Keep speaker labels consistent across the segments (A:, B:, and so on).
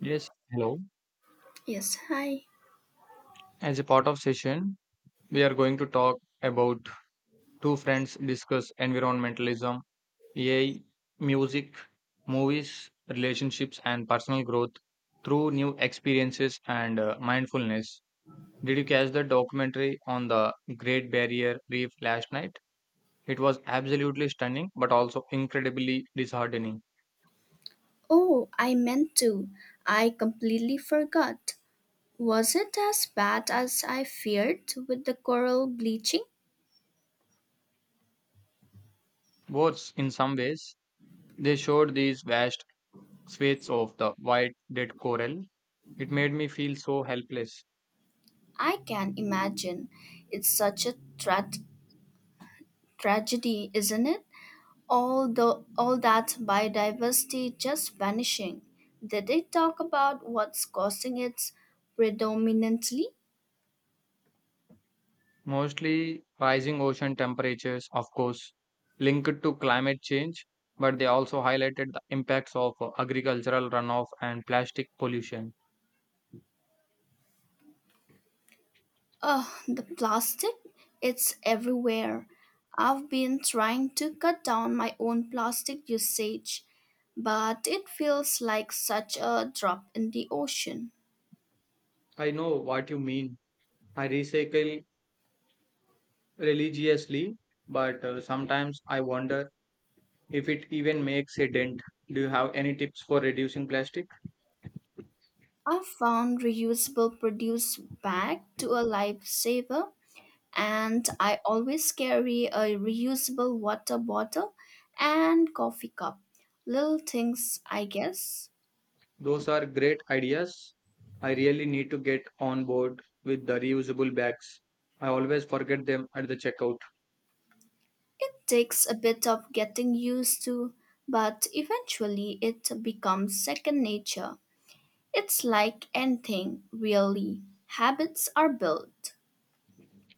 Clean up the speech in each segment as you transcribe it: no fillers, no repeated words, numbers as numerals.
A: Yes, hello.
B: Yes, hi.
A: As a part of session, we are going to talk about two friends discuss environmentalism, AI, music, movies, relationships, and personal growth through new experiences and mindfulness. Did you catch the documentary on the Great Barrier Reef last night? It was absolutely stunning, but also incredibly disheartening.
B: Oh, I meant to. I completely forgot. Was it as bad as I feared with the coral bleaching?
A: Worse, in some ways, they showed these vast swathes of the white dead coral. It made me feel so helpless.
B: I can imagine. It's such a tragedy, isn't it? All that biodiversity just vanishing. Did they talk about what's causing it predominantly?
A: Mostly rising ocean temperatures, of course, linked to climate change, but they also highlighted the impacts of agricultural runoff and plastic pollution.
B: Oh, the plastic, it's everywhere. I've been trying to cut down my own plastic usage, but it feels like such a drop in the ocean.
A: I know what you mean. I recycle religiously, but sometimes I wonder if it even makes a dent. Do you have any tips for reducing plastic?
B: I found reusable produce bag to a lifesaver, and I always carry a reusable water bottle and coffee cup. Little things, I guess.
A: Those are great ideas. I really need to get on board with the reusable bags. I always forget them at the checkout.
B: It takes a bit of getting used to, but eventually it becomes second nature. It's like anything, really. Habits are built.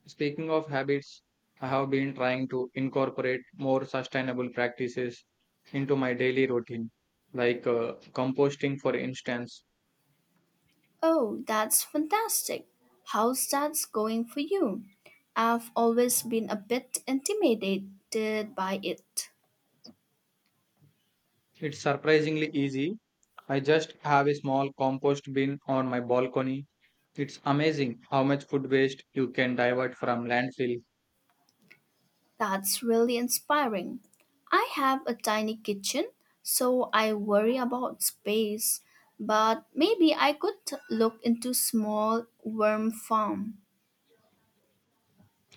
A: Speaking of habits, I have been trying to incorporate more sustainable practices into my daily routine, like composting, for instance.
B: Oh, that's fantastic. How's that going for you? I've always been a bit intimidated by it.
A: It's surprisingly easy. I just have a small compost bin on my balcony. It's amazing how much food waste you can divert from landfill.
B: That's really inspiring. I have a tiny kitchen, so I worry about space, but maybe I could look into small worm farm.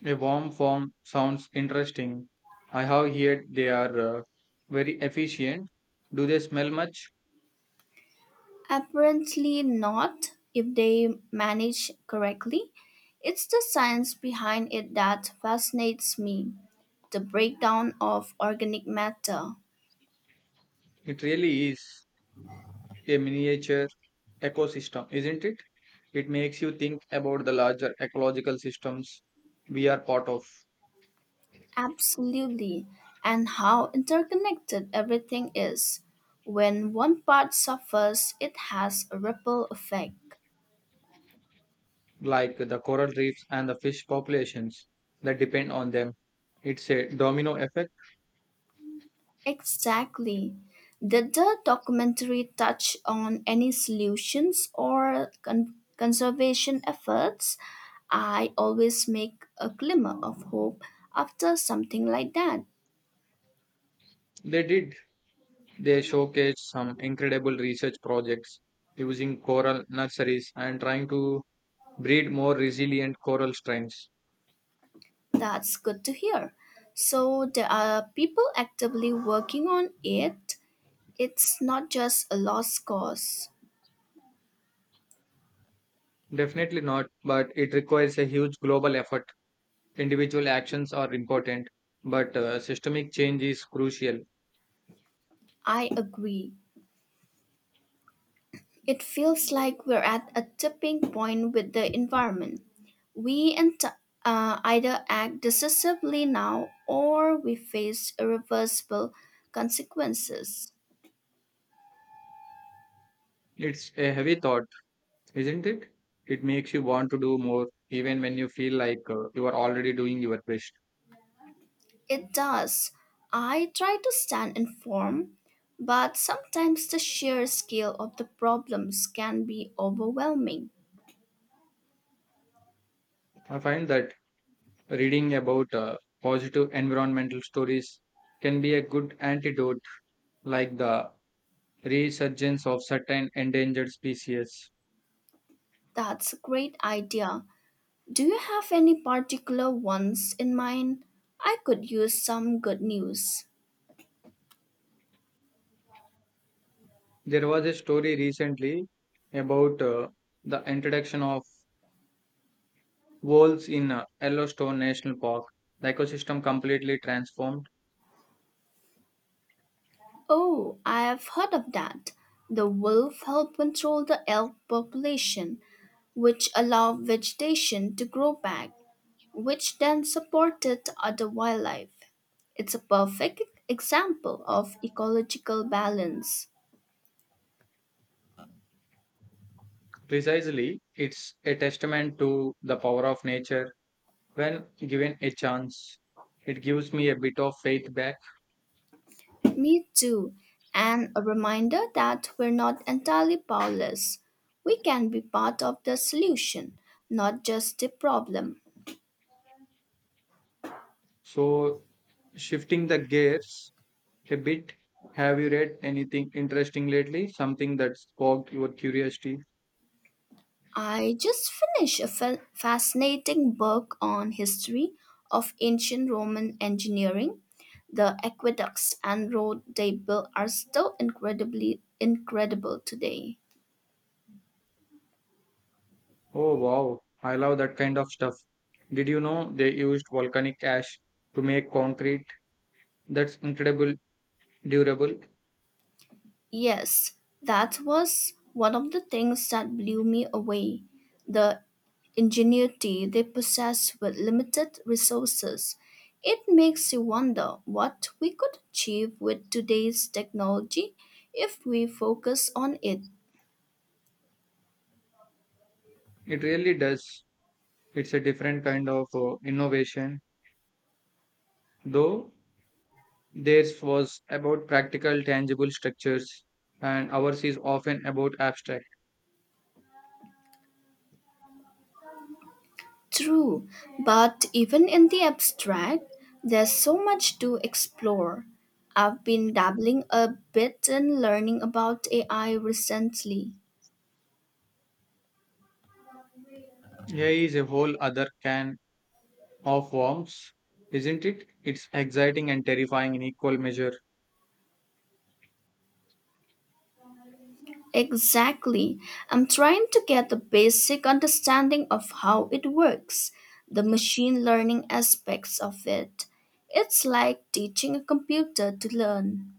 A: A warm form sounds interesting. I have heard they are very efficient. Do they smell much?
B: Apparently not if they manage correctly. It's the science behind it that fascinates me. The breakdown of organic matter.
A: It really is a miniature ecosystem, isn't it? It makes you think about the larger ecological systems we are part of,
B: Absolutely, and how interconnected everything is. When one part suffers, it has a ripple effect.
A: like the coral reefs and the fish populations that depend on them. It's a domino effect.
B: Exactly. Did the documentary touch on any solutions or conservation efforts? I always make a glimmer of hope after something like that.
A: They did. They showcased some incredible research projects using coral nurseries and trying to breed more resilient coral strains?
B: That's good to hear. So, there are people actively working on it. It's not just a lost cause.
A: Definitely not, but it requires a huge global effort. Individual actions are important, but systemic change is crucial.
B: I agree. It feels like we're at a tipping point with the environment. We ent- Either act decisively now or we face irreversible consequences.
A: It's a heavy thought, isn't it? It makes you want to do more, even when you feel like you are already doing your best.
B: It does. I try to stand informed, but sometimes the sheer scale of the problems can be overwhelming.
A: I find that reading about positive environmental stories can be a good antidote, like the resurgence of certain endangered species.
B: That's a great idea. Do you have any particular ones in mind? I could use some good news.
A: There was a story recently about the introduction of wolves in Yellowstone National Park. The ecosystem completely transformed.
B: Oh, I've heard of that. The wolf help control the elk population, which allowed vegetation to grow back, which then supported other wildlife. It's a perfect example of ecological balance.
A: Precisely, it's a testament to the power of nature when given a chance. It gives me a bit of faith back.
B: Me too. And a reminder that we're not entirely powerless. We can be part of the solution, not just the problem.
A: So, shifting the gears a bit, have you read anything interesting lately? Something that sparked your curiosity?
B: I just finished a fascinating book on history of ancient Roman engineering. The aqueducts and road they built are still incredibly incredible today.
A: Oh wow, I love that kind of stuff. Did you know they used volcanic ash to make concrete? That's incredible durable.
B: Yes, that was one of the things that blew me away the ingenuity they possess with limited resources. It makes you wonder what we could achieve with today's technology if we focus on it.
A: It really does. It's a different kind of innovation, though theirs was about practical, tangible structures, and ours is often about abstract.
B: True, but even in the abstract, there's so much to explore. I've been dabbling a bit in learning about AI recently.
A: AI is a whole other can of worms, isn't it? It's exciting and terrifying in equal measure.
B: Exactly. I'm trying to get the basic understanding of how it works, the machine learning aspects of it. It's like teaching a computer to learn.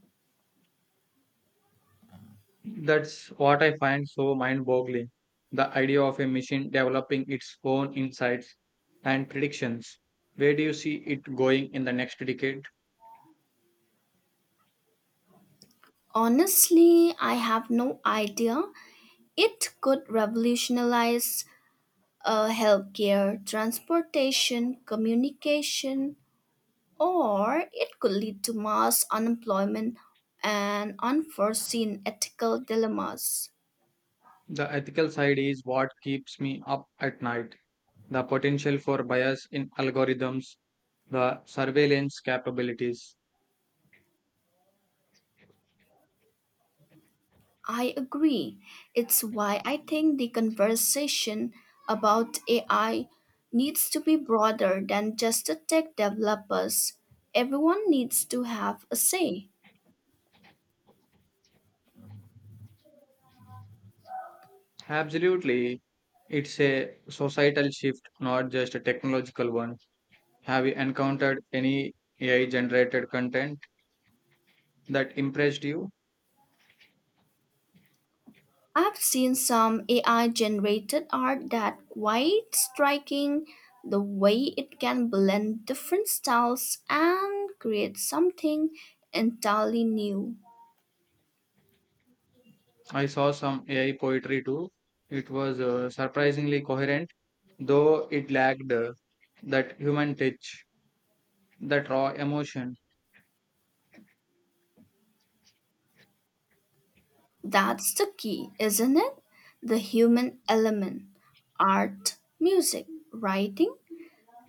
A: That's what I find so mind boggling, the idea of a machine developing its own insights and predictions. Where do you see it going in the next decade?
B: Honestly, I have no idea. It could revolutionize healthcare, transportation, communication, or it could lead to mass unemployment and unforeseen ethical dilemmas.
A: The ethical side is what keeps me up at night. The potential for bias in algorithms, the surveillance capabilities.
B: I agree. It's why I think the conversation about AI needs to be broader than just the tech developers. Everyone needs to have a say.
A: Absolutely, it's a societal shift, not just a technological one. Have you encountered any AI generated content that impressed you?
B: I've seen some AI generated art that quite striking the way it can blend different styles and create something entirely new.
A: I saw some AI poetry too. It was surprisingly coherent, though it lacked that human touch, that raw emotion.
B: That's the key, isn't it? The human element. Art, music, writing,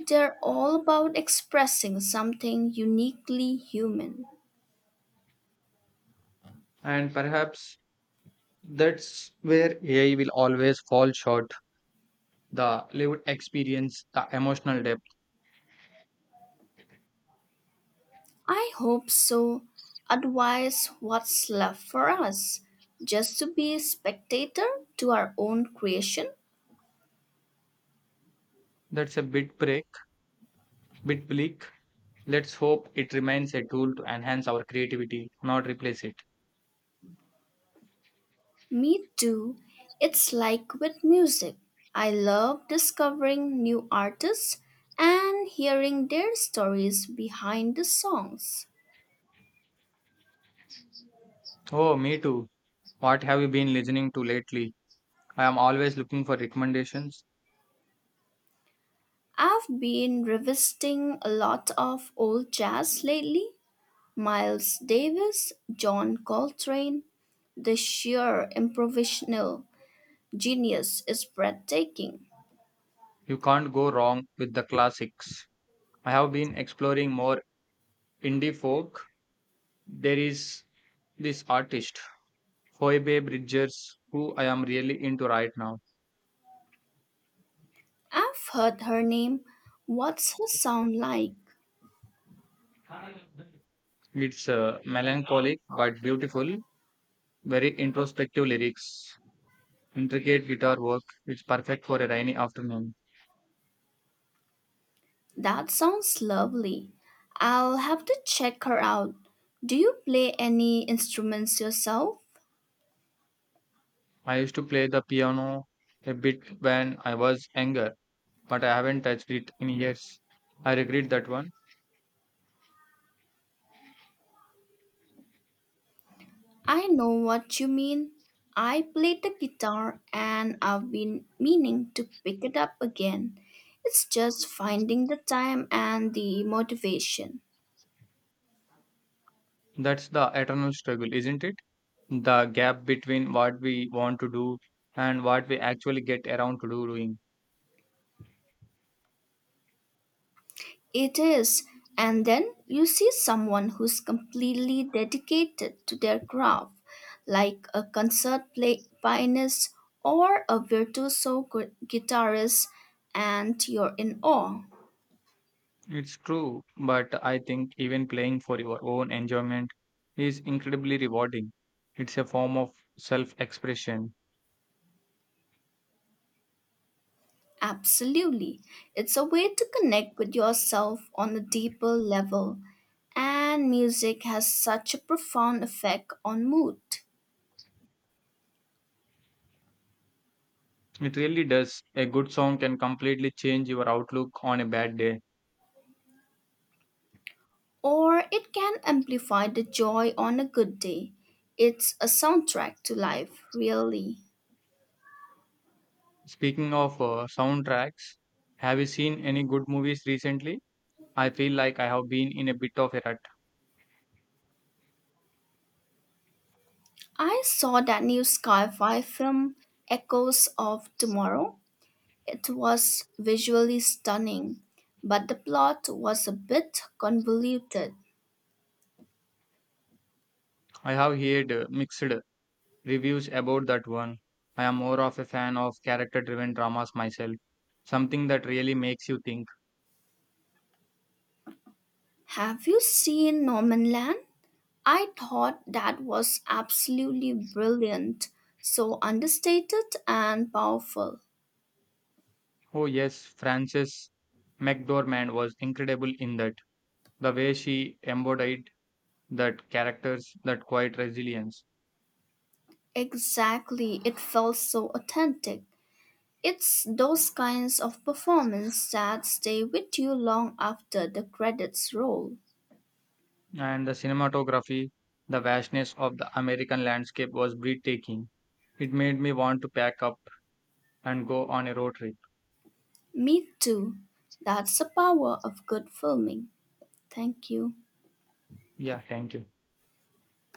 B: they're all about expressing something uniquely human.
A: And perhaps that's where AI will always fall short, the lived experience, the emotional depth.
B: I hope so. Otherwise, what's left for us? Just to be a spectator to our own creation?
A: That's a bit bleak. Let's hope it remains a tool to enhance our creativity, not replace it.
B: Me too. It's like with music. I love discovering new artists and hearing their stories behind the songs.
A: Oh, me too. What have you been listening to lately? I am always looking for recommendations.
B: I've been revisiting a lot of old jazz lately. Miles Davis, John Coltrane, the sheer improvisational genius is breathtaking.
A: You can't go wrong with the classics. I have been exploring more indie folk. There is this artist, Phoebe Bridgers, who I am really into right now.
B: I've heard her name. What's her sound like?
A: It's melancholic but beautiful, very introspective lyrics, intricate guitar work. It's perfect for a rainy afternoon.
B: That sounds lovely. I'll have to check her out. Do you play any instruments yourself?
A: I used to play the piano a bit when I was younger, but I haven't touched it in years. I regret that one.
B: I know what you mean. I played the guitar and I've been meaning to pick it up again. It's just finding the time and the motivation.
A: That's the eternal struggle, isn't it? The gap between what we want to do and what we actually get around to do doing.
B: It is. And then you see someone who's completely dedicated to their craft, like a concert play pianist or a virtuoso guitarist, and you're in awe.
A: It's true, but I think even playing for your own enjoyment is incredibly rewarding. It's a form of self expression.
B: Absolutely. It's a way to connect with yourself on a deeper level, and music has such a profound effect on mood.
A: It really does. A good song can completely change your outlook on a bad day.
B: Or it can amplify the joy on a good day. It's a soundtrack to life, really.
A: Speaking of soundtracks, have you seen any good movies recently? I feel like I have been in a bit of a rut.
B: I saw that new sci fi film, Echoes of Tomorrow. It was visually stunning, but the plot was a bit convoluted.
A: I have heard mixed reviews about that one. I am more of a fan of character driven dramas myself. Something that really makes you think.
B: Have you seen Norman Land? I thought that was absolutely brilliant, so understated and powerful.
A: Oh, yes, Frances McDormand was incredible in that. The way she embodied that characters, that quiet resilience,
B: Exactly, it felt so authentic. It's those kinds of performance that stay with you long after the credits roll.
A: and the cinematography, the vastness of the American landscape was breathtaking. It made me want to pack up and go on a road trip.
B: Me too. That's the power of good filming. Thank you.
A: Yeah, thank you.